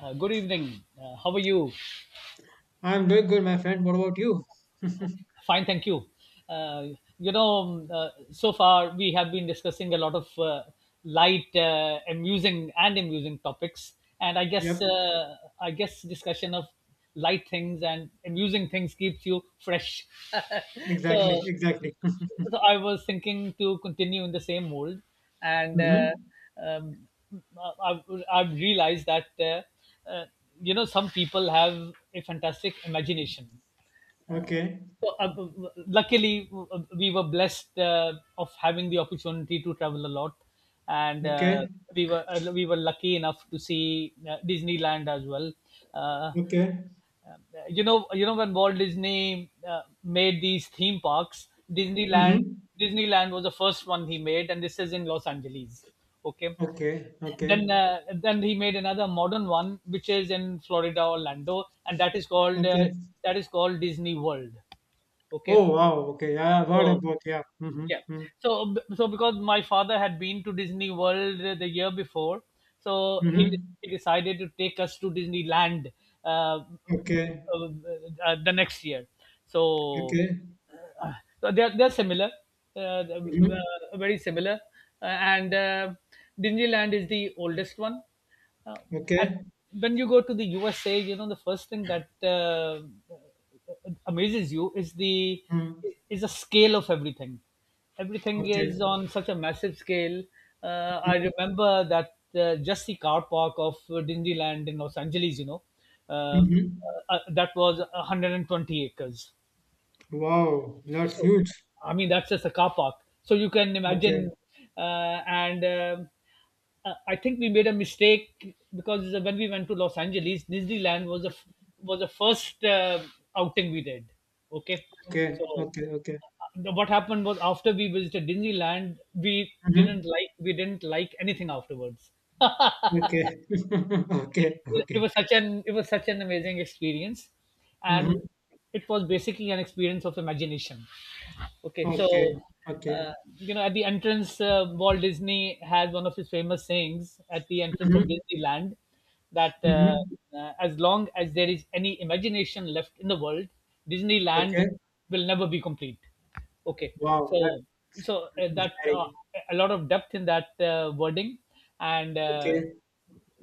Good evening. How are you? I'm doing good, my friend. What about you? Fine, thank you. Uh, so far we have been discussing a lot of light, amusing, and amusing topics, and I guess Yep, discussion of light things and amusing things keeps you fresh. exactly, So, exactly. so I was thinking to continue in the same mold, and Mm-hmm. Um, I've, I've realized that uh, you know some people have a fantastic imagination. Okay, So, luckily, we were blessed of having the opportunity to travel a lot, and okay, we were lucky enough to see Disneyland as well. Uh, okay. you know when Walt Disney made these theme parks, Disneyland Mm-hmm. Disneyland was the first one he made, and this is in Los Angeles. Okay, Okay, okay, then he made another modern one, which is in Florida, Orlando, and that is called okay. Disney World. Okay, Oh, wow. Okay, yeah, I've heard so about, yeah. Mm-hmm. yeah, Mm-hmm. so because my father had been to Disney World the year before, so Mm-hmm. he decided to take us to Disneyland uh, Okay, uh, the next year. So okay. so they're similar, Mm-hmm. Very similar. And Disneyland is the oldest one. Uh, and Okay, when you go to the USA, you know the first thing that amazes you is the mm, is the scale of everything. Everything okay. is on such a massive scale. I remember that just the car park of Disneyland in Los Angeles, you know, uh, Mm-hmm. That was 120 acres. Wow, that's So, huge. I mean, that's just a car park. So you can Okay, imagine. And I think we made a mistake because when we went to Los Angeles, Disneyland was the first outing we did. Okay, so okay, okay, okay. What happened was after we visited Disneyland, Mm-hmm. We didn't like anything afterwards. Okay, okay, okay. It was such an it was such an amazing experience, Mm-hmm. and it was basically an experience of imagination. Okay, Okay, so okay. You know, at the entrance, Walt Disney has one of his famous sayings at the entrance of Mm-hmm. Disneyland, that Mm-hmm. As long as there is any imagination left in the world, Disneyland Okay. will never be complete. Okay, Wow, that's so so that exciting. a lot of depth in that wording, and Okay.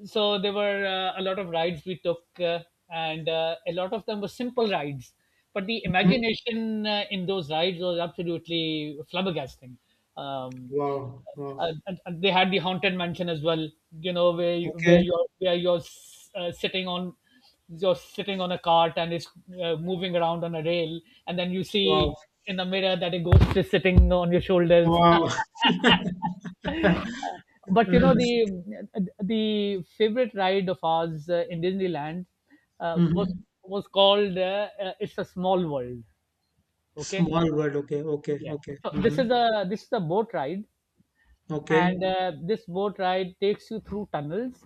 so there were a lot of rides we took, and a lot of them were simple rides but the Hmm. imagination in those rides was absolutely flabbergasting. um, Wow. Wow. uh, and, and they had the haunted mansion as well, you know, where where Okay. you're where you're uh, sitting on you're sitting on a cart and it's moving around on a rail, and then you Wow. see in the mirror that a ghost is sitting on your shoulders. Wow. But you know the favorite ride of ours in Disneyland uh, was Mm-hmm. was called "It's a Small World." Okay, Small world. Okay. Okay. yeah. Okay. So this Mm-hmm. is a boat ride, and Okay. This boat ride takes you through tunnels,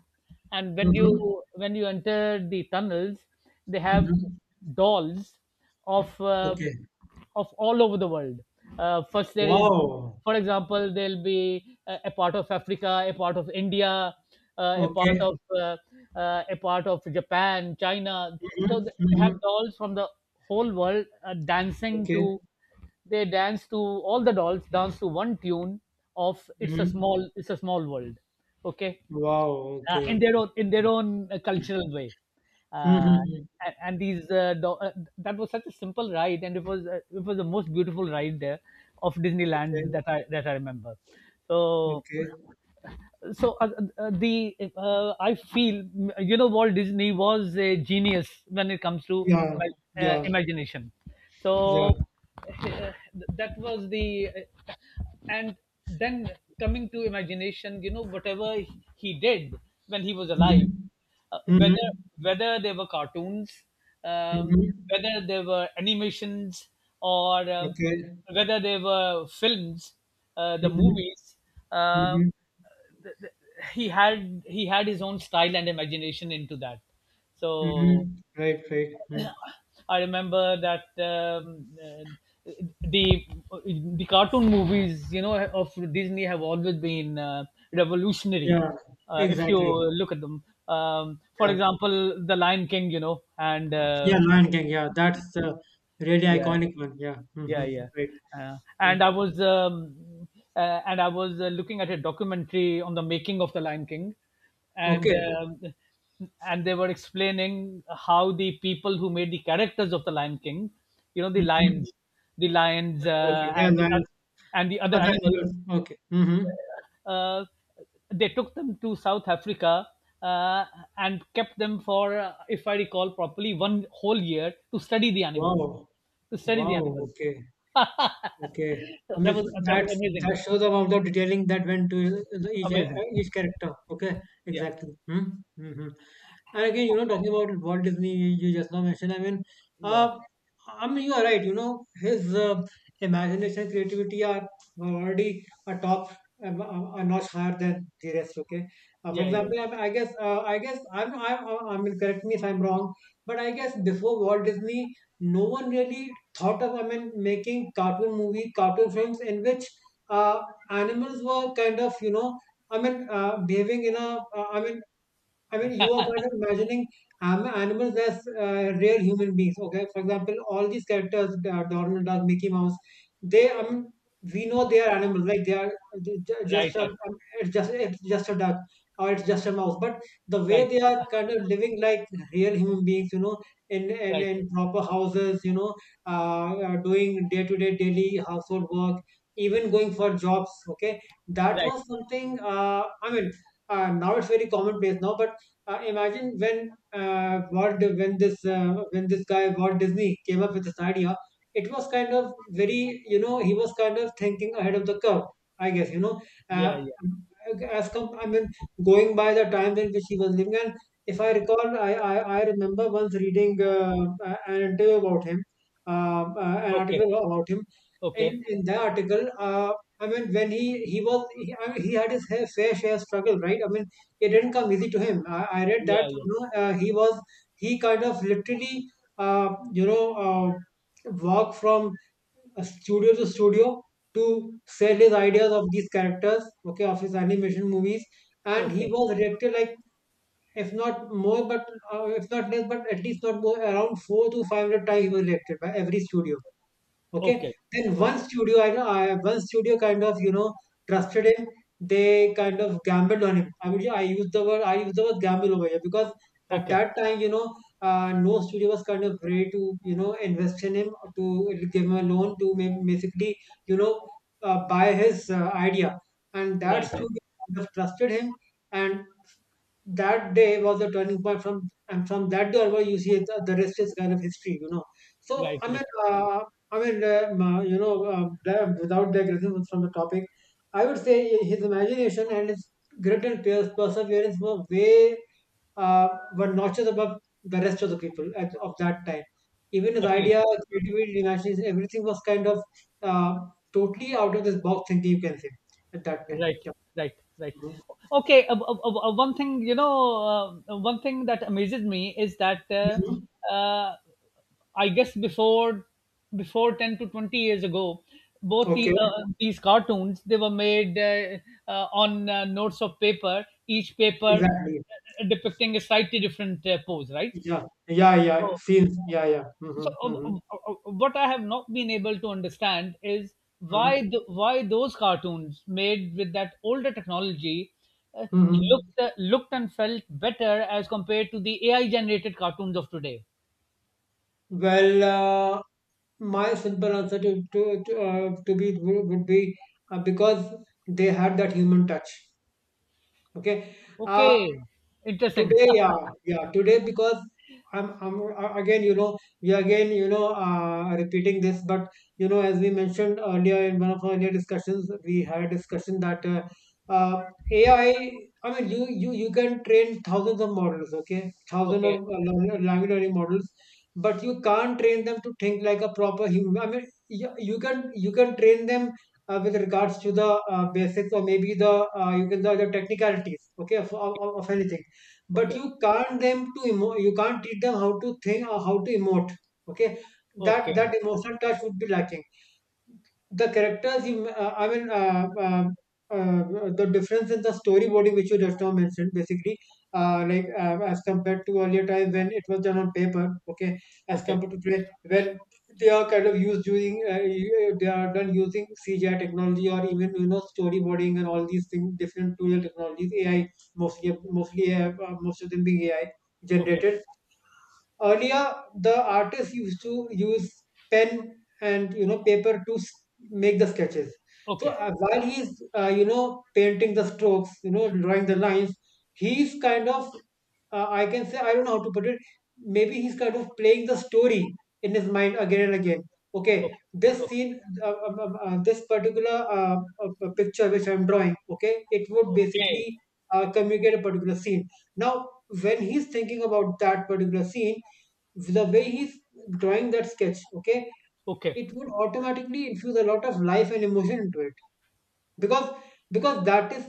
and Mm-hmm. when you enter the tunnels they have Mm-hmm. dolls of uh, Okay. of all over the world. First there is, Wow. for example, there'll be a part of Africa, a part of India, uh, a part Okay. of uh, a part of Japan, China. So Mm-hmm. they have Mm-hmm. dolls from the whole world dancing Okay. to they dance to one tune of Mm-hmm. It's a Small World," okay, Wow. Okay. in their Okay. own cultural way. Uh, Mm-hmm. and, and these uh, do- uh, that was such a simple ride, and it was the most beautiful ride there of Okay. Disneyland that I remember. So Okay. so the I feel, you know, Walt Disney was a genius when it comes to Yeah. Yeah. imagination. So Yeah. uh, that was the uh, and then coming to imagination, you know whatever he did when he was alive, Mm-hmm. Mm-hmm. whether whether they were cartoons, um, Mm-hmm. whether they were animations, or Okay. whether they were films, the Mm-hmm. movies. um Mhm. he had his own style and imagination into that. So Mhm. Right, right. Mm. I remember that um, uh, the the cartoon movies, you know, of Disney have always been revolutionary. Yeah, If you exactly. look at them, for Yeah. example, the Lion King, you know, and Yeah, Lion King. Yeah, that's the really yeah iconic one. Yeah. yeah Mm-hmm. yeah Right. uh, and Mm. i was um, and I was looking at a documentary on the making of the Lion King, and Okay. They were explaining how the people who made the characters of the Lion King, you know the Mm-hmm. lions, the lions uh, Okay. Yeah, and the Lion. oth- and the other Other animals, animals. Okay. Mm-hmm. uh, they took them to South Africa, uh, and kept them for, if I recall properly, one whole year to study the animals, Wow. to study the Wow. animals Okay. That Okay. I was mean, that's amazing, that shows about the detailing that went to each amazing. each character. Okay. Yeah, Exactly. Mm-hmm. Mm-hmm. And again, you know, talking about Walt Disney, you just now mentioned. Yeah, uh, I mean, you are right. You know, his imagination, creativity are already a top, a notch higher than the rest. Okay. For yeah, yeah, yeah. example, I guess, I'm, I mean, correct me if I'm wrong, but I guess before Walt Disney, no one really thought of, I mean, making cartoon movie, cartoon films in which uh, animals were kind of, you know, behaving in a, I mean, you are kind of imagining animals as real human beings. Okay, for example, all these characters, Donald Duck, Mickey Mouse, they we know they are animals, like they are Right, just a, right, it's just a duck or it's just a mouse. But the way right, they are kind of living like real human beings, you know, right, in proper houses, you know, doing day to day daily household work, even going for jobs. Okay, that right. was something. Now it's very commonplace now, but imagine when Walt, when this guy Walt Disney came up with this idea, it was kind of very, you know, he was kind of thinking ahead of the curve. I guess, you know, Yeah, uh, yeah. I mean going by the times in which he was living. And if I recall, I remember once reading a- an interview about him, an Okay, article about him. In okay. in that article, I mean when he was, I mean, he had his ha- fair share struggle, right? I mean it didn't come easy to him. I read that, Yeah, yeah. you know, he was he kind of literally you know, walked from a studio to studio to sell his ideas of these characters, okay, of his animation movies, and he Okay, was rejected like if not more, but if not less, but at least not more around four to five hundred times he was rejected by every studio. Okay. okay, Then one okay, studio, one studio kind of, you know, trusted him. They kind of gambled on him. I mean, yeah, I use the word gamble over here because at okay. that time, you know, no studio was kind of ready to, you know, invest in him, or to give him a loan to ma- basically, you know, buy his idea. And that Right, studio right, kind of trusted him. And that day was the turning point, from that day onward you see the rest is kind of history, you know. so right, i right. mean uh, i mean um, uh, you know, without digressing from the topic, I would say his imagination and his grit and perseverance were way were notches above the rest of the people at, of that time. Even his idea, Definitely. creativity, imagination, everything was kind of uh, totally out of this box thinking, you can say, at that time. Right, Yeah. right, right. Mhm. Okay, one thing, you know, one thing that amazes me is that Mhm. I guess before 10 to 20 years ago, both the Okay, these cartoons they were made on notes of paper, each paper exactly. Depicting a slightly different pose, right? Yeah, yeah, yeah. So, Scenes. Yeah, yeah. so Mm-hmm, uh, mm-hmm, uh, what I have not been able to understand is mm-hmm, why those cartoons made with that older technology mm-hmm. Looked and felt better as compared to the AI generated cartoons of today. Well, my simple answer to be would be because they had that human touch. Okay, uh, Okay, interesting. today, yeah, yeah, today because I'm again, you know, we are again, you know, repeating this, but you know, as we mentioned earlier in one of our earlier discussions, we had a discussion that uh, AI. I mean, you can train thousands of models, okay, thousands of Okay, language learning models, but you can't train them to think like a proper human. I mean, you can train them with regards to the basics or maybe the you can the technicalities, okay, okay, of anything, but okay, you can't them to emo- you can't teach them how to think or how to emote. Okay, that okay, that emotional touch would be lacking. The characters you the difference in the storyboarding which you just now mentioned basically like as compared to earlier time when it was done on paper, okay, as okay, compared to today when they are kind of used using they are done using cgi technology or even, you know, storyboarding and all these things, different tool technologies, ai, mostly most of them being ai okay, generated. Earlier, the artists used to use pen and, you know, paper to make the sketches. So okay, while he's you know, painting the strokes, you know, drawing the lines, he's kind of I can say, I don't know how to put it. Maybe he's kind of playing the story in his mind again and again. Okay, this okay, scene, this particular picture which I'm drawing, okay, it would okay, basically communicate a particular scene. Now, when he's thinking about that particular scene, the way he's drawing that sketch, okay, okay, it would automatically infuse a lot of life and emotion into it, because because that is,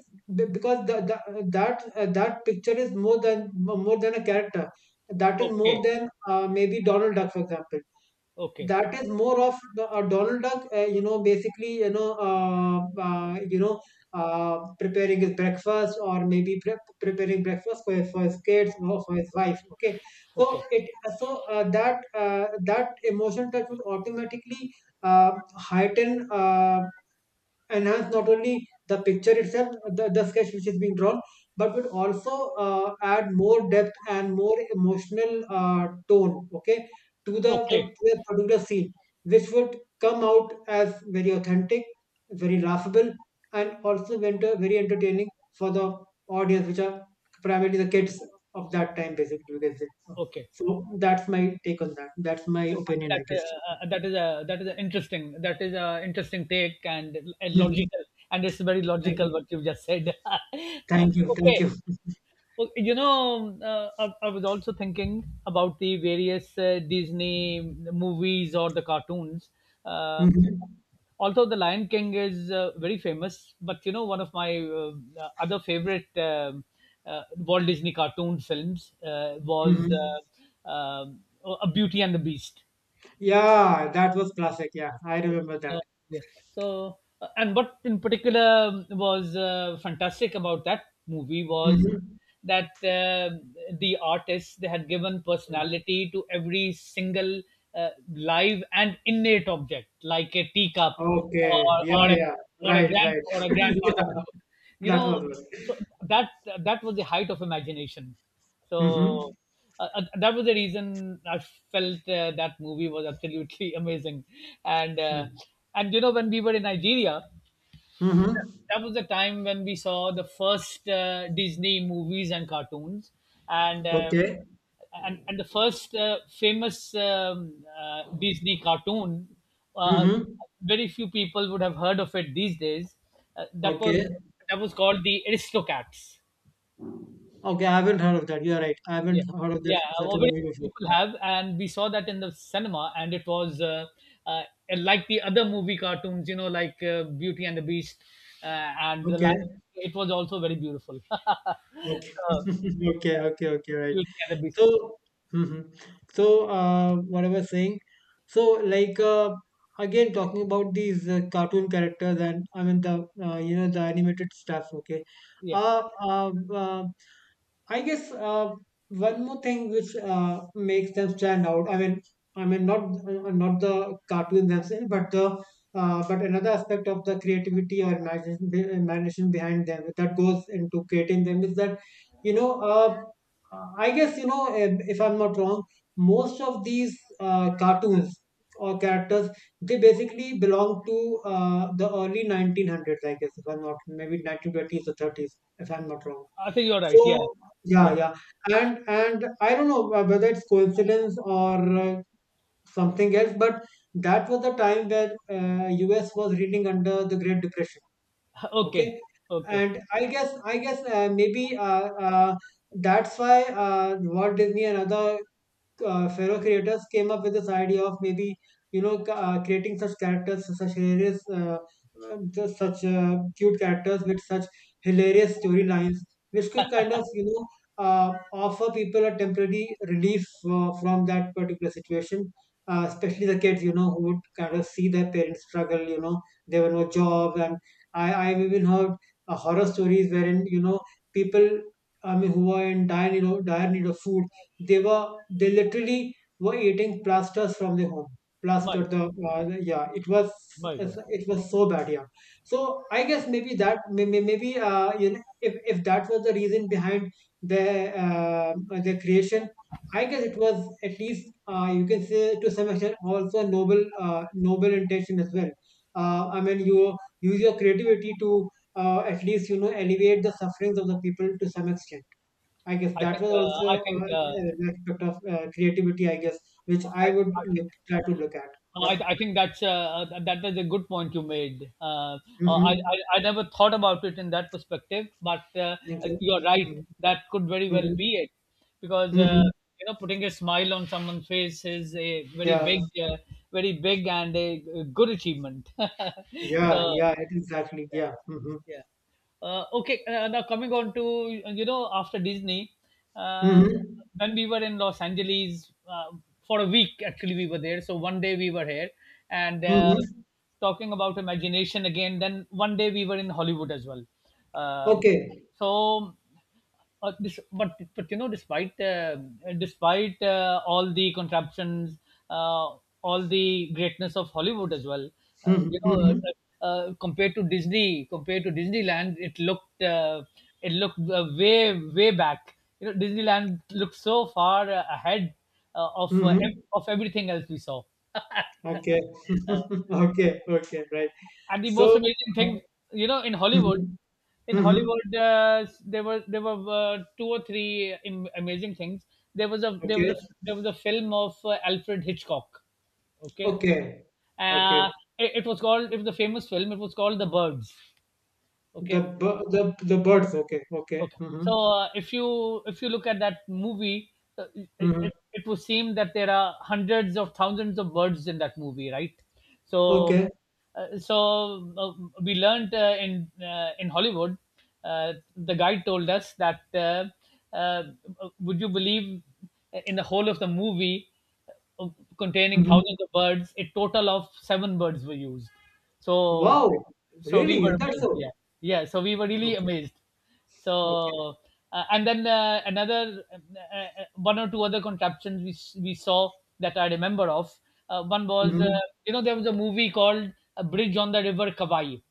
because that that picture is more than, more than a character, that is okay, more than maybe Donald Duck, for example, okay, okay, that is more of the Donald Duck, you know, basically, you know, preparing his breakfast or maybe preparing breakfast for his kids or for his wife. Okay, okay, so it, that that emotion touch would automatically heighten. Enhance not only the picture itself, the sketch which is being drawn, but would also add more depth and more emotional tone, okay, to the, the, okay, to a particular scene, which would come out as very authentic, very laughable, and also very entertaining for the audience, which are primarily the kids of that time, basically, you can say. So okay. so that's my take on that. That's my opinion, that I guess. uh, uh, that is a that is a interesting take, and a Mhm. logical, and it's very Thank you. logical what you've just said. Thank you. Thank Okay, you. well, you know, I was also thinking about the various Disney movies or the cartoons. Uh, Mhm. Although the Lion King is very famous, but you know one of my other favorite Walt Disney cartoon films, was Mhm. A Beauty and the Beast, Yeah, that was classic. Yeah, I remember know, that. yeah. So, and what in particular was fantastic about that movie was Mhm. that the artists they had given personality to every single live and innate object, like a teacup, Okay. or or Yeah, a, yeah. or a Right, grand right. or a grandfather clock, you Yeah, that know. was good. So that that was the height of imagination. Mm-hmm. So that was the reason I felt that movie was absolutely amazing. And you know when we were in Nigeria, Mm-hmm. that was the time when we saw the first Disney movies and cartoons, and Okay. The first famous Disney cartoon. Uh, Mm-hmm. Very few people would have heard of it these days. Uh, that Okay. was that was called the Aristocats. Okay, I haven't heard of that. You're right. I haven't Yeah, heard of that yeah. certain Already movie before. people have, and we saw that in the cinema, and it was uh, like the other movie cartoons, you know, like Beauty and the Beast, and the Lion. Okay. It was also very beautiful. Okay. Okay, okay, okay, right. Beauty and the Beast. So, mhm. So, what I was saying, so like uh, again talking about these cartoon characters, and I mean the you know, the animated stuff. Okay, Yeah, uh, uh, uh, I guess one more thing which makes them stand out. I mean not not the cartoon themselves, but the but another aspect of the creativity or imagination behind them that goes into creating them, is that you know, I guess you know, if I'm not wrong, most of these cartoons or characters, they basically belong to the early 1900s. I guess if I'm not, maybe 1920s or 30s, if I'm not wrong. I think you're right. Yeah, So yeah, yeah. yeah, and I don't know whether it's coincidence or something else, but that was the time where U.S. was reeling under the Great Depression. Okay, Okay, okay. and I guess maybe that's why Walt Disney and other fellow creators came up with this idea of maybe creating such characters, such hilarious, just such cute characters with such hilarious storylines which could kind of offer people a temporary relief from that particular situation, especially the kids, who would kind of see their parents struggle. There were no jobs, and I've even heard horror stories, wherein, people, I mean, who are in dire need of food. They literally were eating plasters from their home. Plaster My God, the Yeah, it was, my God. So bad. Yeah, so I guess maybe that may- maybe you know, if that was the reason behind their, creation, I guess it was, at least, you can say, to some extent, also a noble intention as well. I mean, you use your creativity to, at least, alleviate the sufferings of the people to some extent. I guess I that think was I also think an aspect of creativity, I guess, which I, I would I think look, try to look at. Yep. I think that's that is a good point you made. I, Mm-hmm. I I never thought about it in that perspective, but Thank you. you're right. Mm-hmm. That could very well Mm-hmm. be it, because Mm-hmm. you know putting a smile on someone's face is a very Yeah. big, very big and a good achievement. So Yeah. Yeah. It exactly. Yeah. Mm-hmm. yeah, yeah. Okay, now coming on to, you know, after Disney, uh, Mm-hmm. when we were in Los Angeles for a week, actually we were there. So one day we were here, and Mm-hmm. talking about imagination again, then one day we were in Hollywood as well. Um Okay. so but you know, despite despite all the contraptions, uh, all the greatness of Hollywood as well, uh, you Mm-hmm. know, Mm-hmm. Compared to Disney, compared to Disneyland, it looked way way back. You know, Disneyland looked so far ahead Mm-hmm. Of everything else we saw. Okay. Okay. Okay. Right. And the most So. amazing Uh, thing, you know, mm-hmm. in Mm-hmm. Hollywood, there were two or three amazing things. There was a Okay. Film of Alfred Hitchcock. Okay, Okay. uh, Okay. It was called, it was a famous film. It was called The Birds. The Okay, bu- the birds. Okay. Okay. okay. Mm-hmm. So if you look at that movie, Mm-hmm. It would seem that there are hundreds of thousands of birds in that movie, right? So Okay. We learned in Hollywood, the guide told us that uh, would you believe in the whole of the movie, uh, containing Mm-hmm. thousands of birds, a total of seven birds were used. So Wow, so we really? were Is that amazed. so? Yeah, yeah. So we were really Okay, amazed. okay. So, and then another one or two other contraptions we saw that I remember of. One was Mm-hmm. you know, there was a movie called A Bridge on the River Kawaii.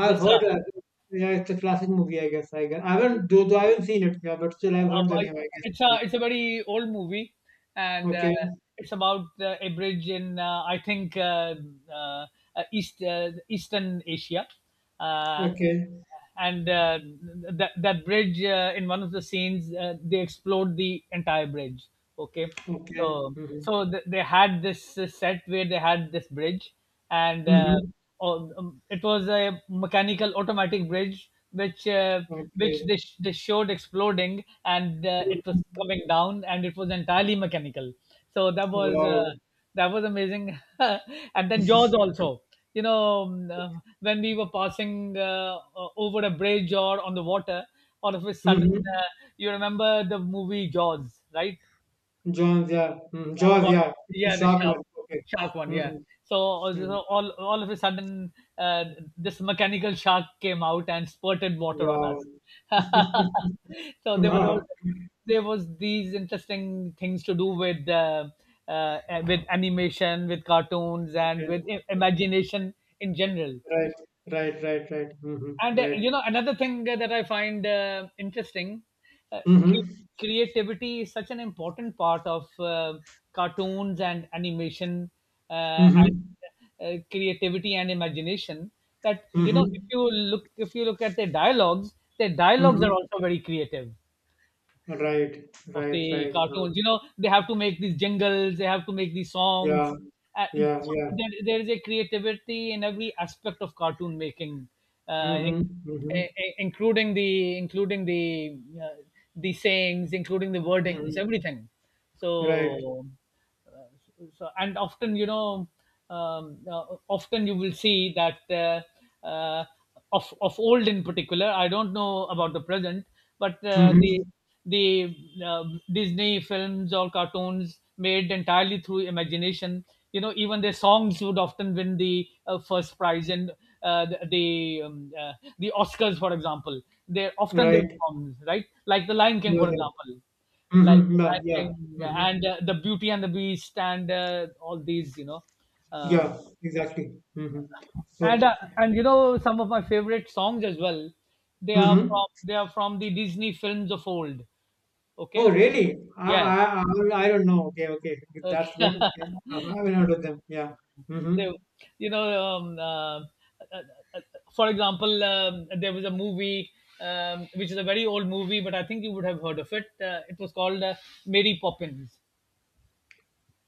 This heard uh, that. Yeah, it's a classic movie, I guess. I guess I haven't, though I haven't seen it, yeah, but still I've heard the Uh, I- name, I it's guess. a it's a very old movie, and Okay, it's about a bridge in I think uh, East, Eastern Asia, uh, okay, okay. and that that bridge, in one of the scenes they explode the entire bridge. Okay, Okay. so Mm-hmm. so th- they had this set where they had this bridge, and Mm-hmm. oh, it was a mechanical automatic bridge which Okay. They showed exploding, and it was Mhm. coming down and it was entirely mechanical. So Wow. that was amazing. And then Jaws also, you know, when we were passing over a bridge or on the water, all of a sudden, Mm-hmm. You remember the movie Jaws, right? Jaws, yeah. Mm-hmm. Yeah, Jaws, about, yeah. The yeah, the shark shark, one. Okay. shark one. Yeah. Mm-hmm. So, Mm-hmm. so all of a sudden, this mechanical shark came out and spurted water on Wow. us. So there were those, Wow. there was these interesting things to do uh, with animation, with cartoons, Okay. and with Mm-hmm. imagination in general. Right, right, right, right. Mm-hmm. And Right. you know, another thing that I find interesting, uh, Mm-hmm. cre- creativity is such an important part of cartoons and animation, and Mm-hmm. Creativity and imagination. That, you know, Mhm. If you look at their dialogues, their dialogues are Mhm. also very creative, Right. of Right. the Right. Cartoons. You know, they have to make these jingles, they have to make these songs. Yeah. Yeah. So Yeah. There is a creativity in every aspect of cartoon making, uh, in, Mhm. Mhm. i- including the sayings, including the wordings, Mhm. everything. Right. So so, and often, you know, often you will see that of old in particular, I don't know about the present, but the Mhm. the uh, Disney films or cartoons, made entirely through imagination, you know, even their songs would often win the first prize and the the the oscars, for example. They often, their Right. songs, right, like The Lion King, Yeah. for Yeah. example, like Mhm. The Yeah. Yeah. Lion King Mhm. and the Beauty and the Beast and all these, you know, uh, Yeah. Exactly. Mhm. So. And you know, some of my favorite songs as well. They are Mhm. from, they are from the Disney films of old. Oh, Okay, really? I, yeah, I I I don't know. Okay. Okay. That's okay. good. Okay. I haven't heard of them. Yeah. They, Mhm. you know, uh, uh, for example, there was a movie. Which is a very old movie, but I think you would have heard of it. It was called Mary Poppins.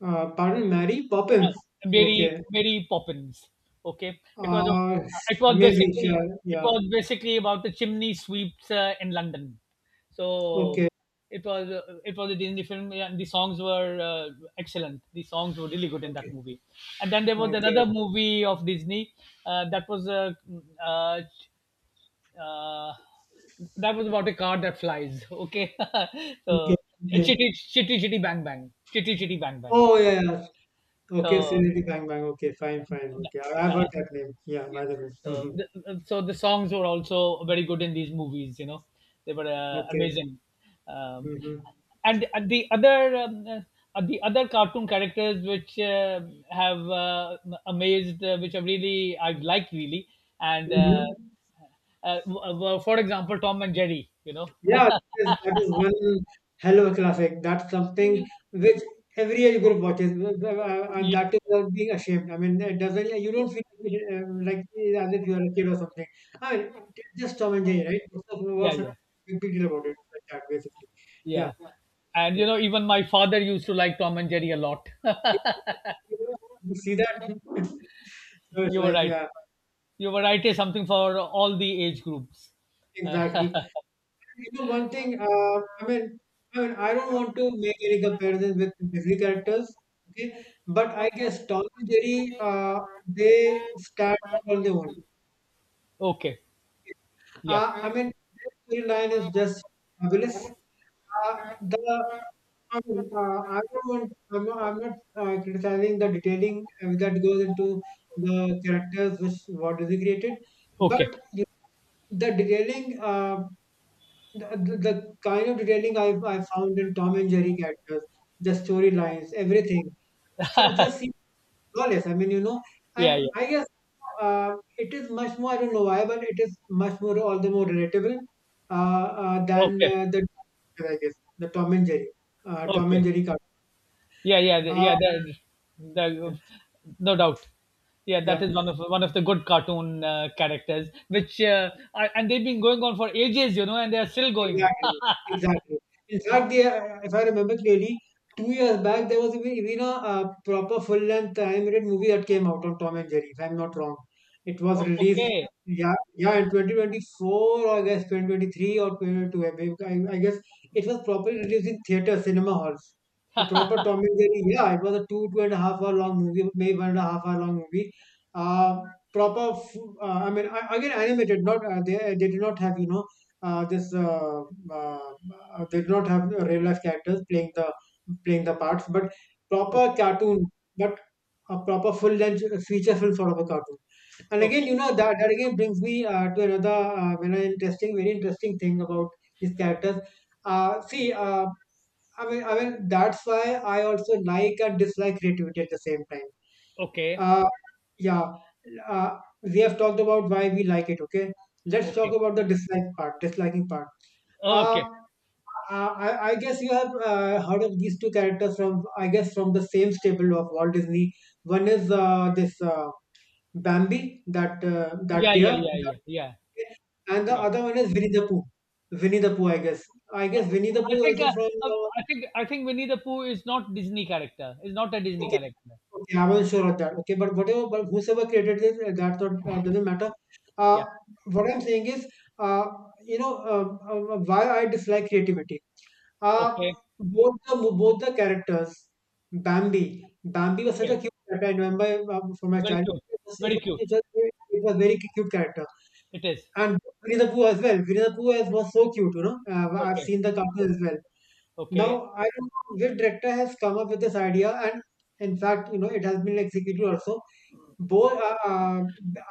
Pardon, Mary Poppins. Mary Okay. Mary Poppins. Okay, Uh, it was Maybe. basically, Sure. it Yeah. was basically about the chimney sweeps in London. So Okay. It was a Disney film, and the songs were excellent. The songs were really good in that Okay. movie. And then there was Okay. another movie of Disney uh, that was uh, uh, uh, that was about a car that flies. Okay. Okay, So okay. Chitty Chitty Chitty Bang Bang, Chitty Chitty Bang Bang. Oh yeah, yeah. Okay, So Srinidhi Bang Bang. Okay, fine, fine. Okay, I've heard that- that name. Yeah, by the way. yeah. Hmm. So the songs were also very good in these movies. You know, they were Okay. amazing. Um, Hmm. and the other cartoon characters which have amazed, which have really I've liked really, and Hmm. Were, for example, Tom and Jerry. You know, Yeah, that is, one hell of a classic. That's something which every age group watches, and yeah, that is without being ashamed. I mean, it doesn't. You don't feel like, like as if you are a kid or something. I mean, it's just Tom and Jerry, right? What's the- yeah, what's the yeah, big big deal about it? Like that, basically. Yeah. Yeah. yeah. And you know, even my father used to like Tom and Jerry a lot. You see that? So it's You were like, right. yeah, You variety something for all the age groups. exactly. You know, one thing, I mean, I mean, I don't want to make any comparisons with Disney characters, okay? But I guess Tom and Jerry, they stand out on their own. Okay. Yeah. I mean, their storyline is just fabulous. The I mean, I don't want, I'm not criticizing the detailing that goes into the characters which what is created, but Okay. the detailing, the kind of detailing I found in Tom and Jerry characters, the storylines, everything. So just seems flawless. I mean, Yeah, and yeah. I guess it is much more, I don't know why, but it is much more, all the more relatable, than, Okay. The, I guess, the Tom and Okay. Jerry cartoon. Yeah, yeah, Uh, yeah. The, no doubt. Yeah, that yeah. is one of, one of the good cartoon characters, which are, and they've been going on for ages, you know, and they are still going. Exactly, exactly. In fact, if I remember clearly, 2 years back there was even a, proper full-length animated movie that came out on Tom and Jerry. If I'm not wrong, it was released. Okay, Yeah, yeah, in 2024 or I guess 2023 or 2022. I mean, I guess it was properly released in theater cinema halls. A proper Tom and Jerry. Yeah, it was a 2.5 hour long movie, maybe 1.5 hour long movie. Uh, Proper. I mean, again animated. Not, they did not have, you know this uh, they do not have real life characters playing the parts, but proper okay, cartoon, but a proper full length feature film sort of a cartoon. And again, okay, that again brings me to another interesting, very interesting thing about these characters. See, I mean, that's why I also like and dislike creativity at the same time. okay, Uh, yeah, uh, we have talked about why we like it. Okay, let's talk okay, about the dislike part, disliking part. uh, okay. uh, I, I guess you have heard of these two characters from, I guess, from the same stable of Walt Disney. One is, this Bambi, that Yeah, yeah, deer, yeah, yeah, yeah, deer, and the yeah. other one is Winnie the Pooh. Winnie the Pooh, I guess. I guess Winnie the Pooh I is think also uh, from. uh, Uh, I think, I think Winnie the Pooh is not Disney character. Is not a Disney okay, character. okay, I wasn't sure of that. Okay, but whatever, but whosoever created this, that's not, doesn't matter. Uh, Yeah. what I'm saying is, uh, why I dislike creativity. Uh, Okay. Both the characters, Bambi. Bambi was such Okay. a cute character. I remember, from my Very childhood, cute. Very cute. it was very cute character. It is. And Winnie the Pooh as well. Winnie the Pooh as was so cute. I've Okay. seen the cartoon as well. Now Okay. I don't know which director has come up with this idea, and in fact, it has been executed also. Both, uh, uh,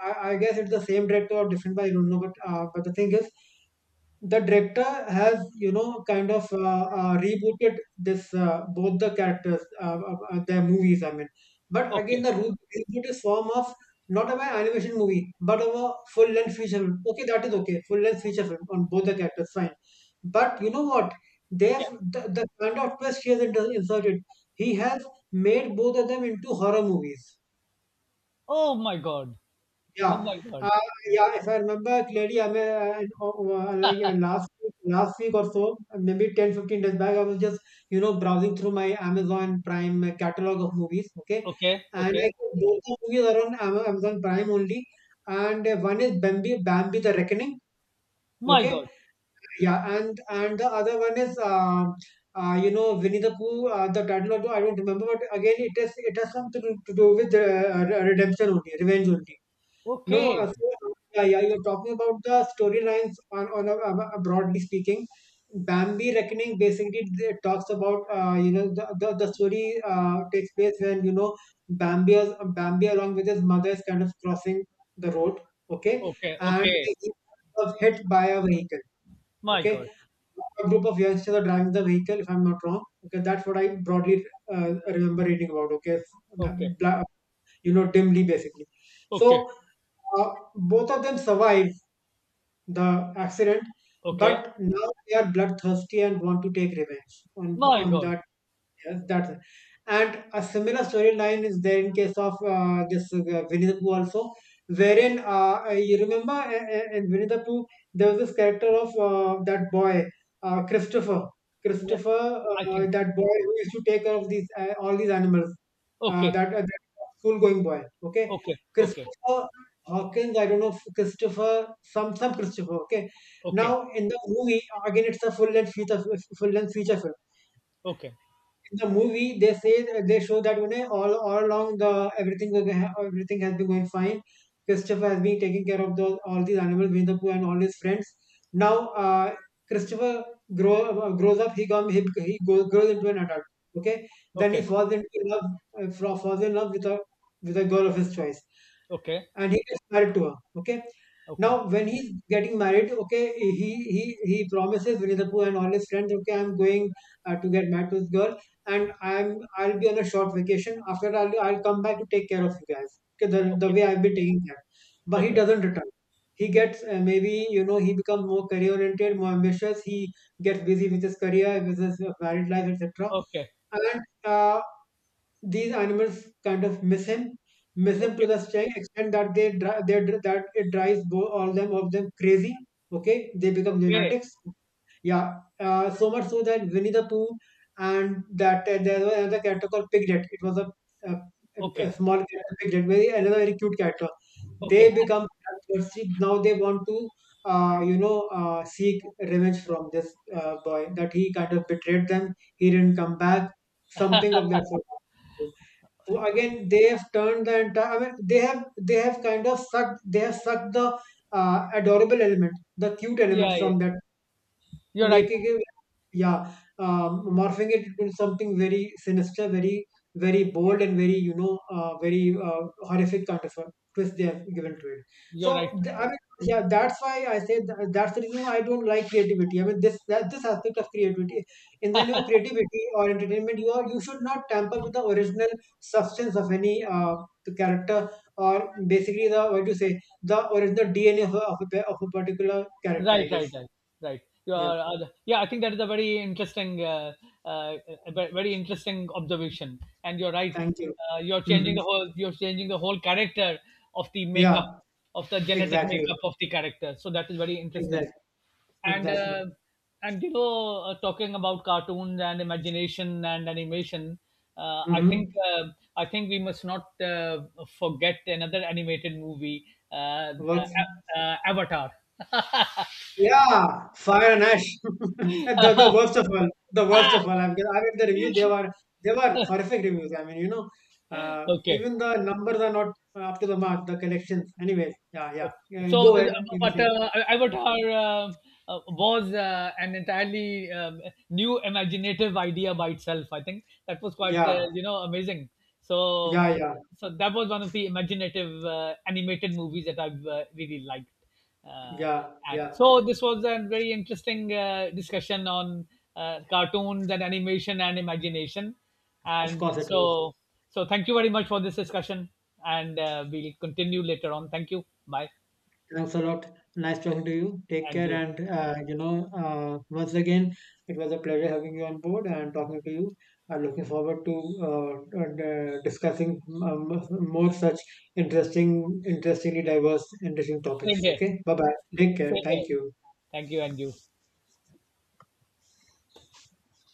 I, I guess it's the same director or different, but I don't know. But the thing is, the director has, kind of, rebooted this both the characters, their movies, I mean. But again, Okay. the root reboot is form of, not of an animation movie, but of a full length feature film, okay, that is, okay, full length feature film on both the characters, fine. But you know what they Yeah. have, the kind of twist he has inserted. He has made both of them into horror movies. Oh my god. Oh Yeah. my god. Uh, yeah, if I remember clearly, I mean, like, last week or so, maybe 10 to 15 days back, I was just, browsing through my Amazon Prime catalog of movies, okay? Okay. And I think Okay. both the movies are on Amazon Prime only. And, one is Bambi the Reckoning, My okay? god. Yeah, and the other one is, Winnie the Pooh, the title, of, I don't remember, but again, it has something to do with, redemption only, revenge only. No, Okay. so, yeah, yeah, you're talking about the storylines broadly speaking. Bambi Reckoning basically talks about, the story, takes place when, Bambi along with his mother is kind of crossing the road, okay, Okay. and Okay. he was hit by a vehicle, My okay. god. A group of youngsters are driving the vehicle, if I'm not wrong. Okay, that's what I broadly, remember reading about. Okay. It's, uh, Okay. bla- dimly, basically. Okay. So, uh, both of them survive the accident, Okay. but now they are bloodthirsty and want to take revenge on My on god. that. Yes, that's it. And a similar storyline is there in case of, this Winnie the Pooh also, wherein, you remember, in Winnie the Pooh there was this character of, that boy, Christopher. Yeah. Christopher, I think. that boy who used to take care of these all these animals, Okay. That school-going boy. Okay, Okay. Okay. Christopher Hawkins. I don't know if Christopher, some Christopher. Okay, Okay. now in the movie again, it's a full-length feature film. Okay. In the movie, they show that, all along the everything everything has been going fine. Christopher has been taking care of those all these animals, Winnie the Pooh and all his friends. Now, uh, Christopher, grow, grows up. He come he, goes, grows into an adult. Okay, then he Okay. Falls in love with a, girl of his choice, Okay. and he gets married to her. Okay. Okay. Now, when he's getting married, okay, he he promises Winnie the Pooh and all his friends, okay, I'm going, to get married to this girl, and I'll be on a short vacation. After that, I'll come back to take care of you guys. Okay, the Okay. way I've been taking care. But he Okay. doesn't return. He gets, maybe you know he becomes more career oriented, more ambitious. He gets busy with his career, with his, married life, etc. Okay. And, uh, these animals kind of miss him to Okay. the extent that, it drives, all them of them crazy. Okay, they become Okay. lunatics. Yeah, so much so that Winnie the Pooh, and that, there was another character called Piglet. It was a, a Okay. small character, Piglet, very another very cute character. They Okay. become bloodthirsty. Now they want to, seek revenge from this, boy, that he kind of betrayed them. He didn't come back. Something of that sort. So again, they have turned the entire. I mean, they have kind of sucked. They have sucked the, adorable element, the cute Yeah. element Yeah. from that, You're right. making it. Yeah, morphing it into something very sinister, very very bold, and very, very, horrific kind of a twist they have given to it. You're right. So, I mean, yeah, that's why I say, that's the reason why I don't like creativity. I mean, this that this aspect of creativity. In the name of creativity or entertainment, you should not tamper with the original substance of any, the character, or basically the, what do you say, the original DNA of a particular character, I Right. Right. guess. Right. Right. You Yeah. are, yeah, I think that is a very interesting, uh, a very interesting observation, and you're right. Thank you. You're changing Hmm. the whole, you're changing the whole character of the Yeah, makeup, of the genetic exactly. makeup of the character. So that is very interesting. Exactly. And Exactly. And you know, talking about cartoons and imagination and animation, uh, i think Mm-hmm. uh, I think we must not forget another animated movie, uh, uh, Works. Avatar. Yeah, fire and ash. The worst of all. The worst of all. I mean, the review, they were horrific reviews. I mean, Okay. even the numbers are not up to the mark, the collections. Anyways, yeah, yeah. Yeah, So, go ahead. You can but say. Mm-hmm. Avatar was an entirely new imaginative idea by itself. I think that was quite Yeah, you know, amazing. So, yeah, yeah, so that was one of the imaginative animated movies that I've really liked. Uh, yeah, at. yeah. So this was a very interesting discussion on cartoons and animation and imagination. Of And course it was. so, so thank you very much for this discussion, and we'll continue later on. Thank you. Bye. Thanks a lot. Nice talking to you. Take And care, you. and, once again, it was a pleasure having you on board and talking to you. I'm looking forward to, and, discussing, more such interesting, interestingly diverse, interesting Same topics. here. Okay, bye bye. Take care. Same here. Thank you. Thank you, and you.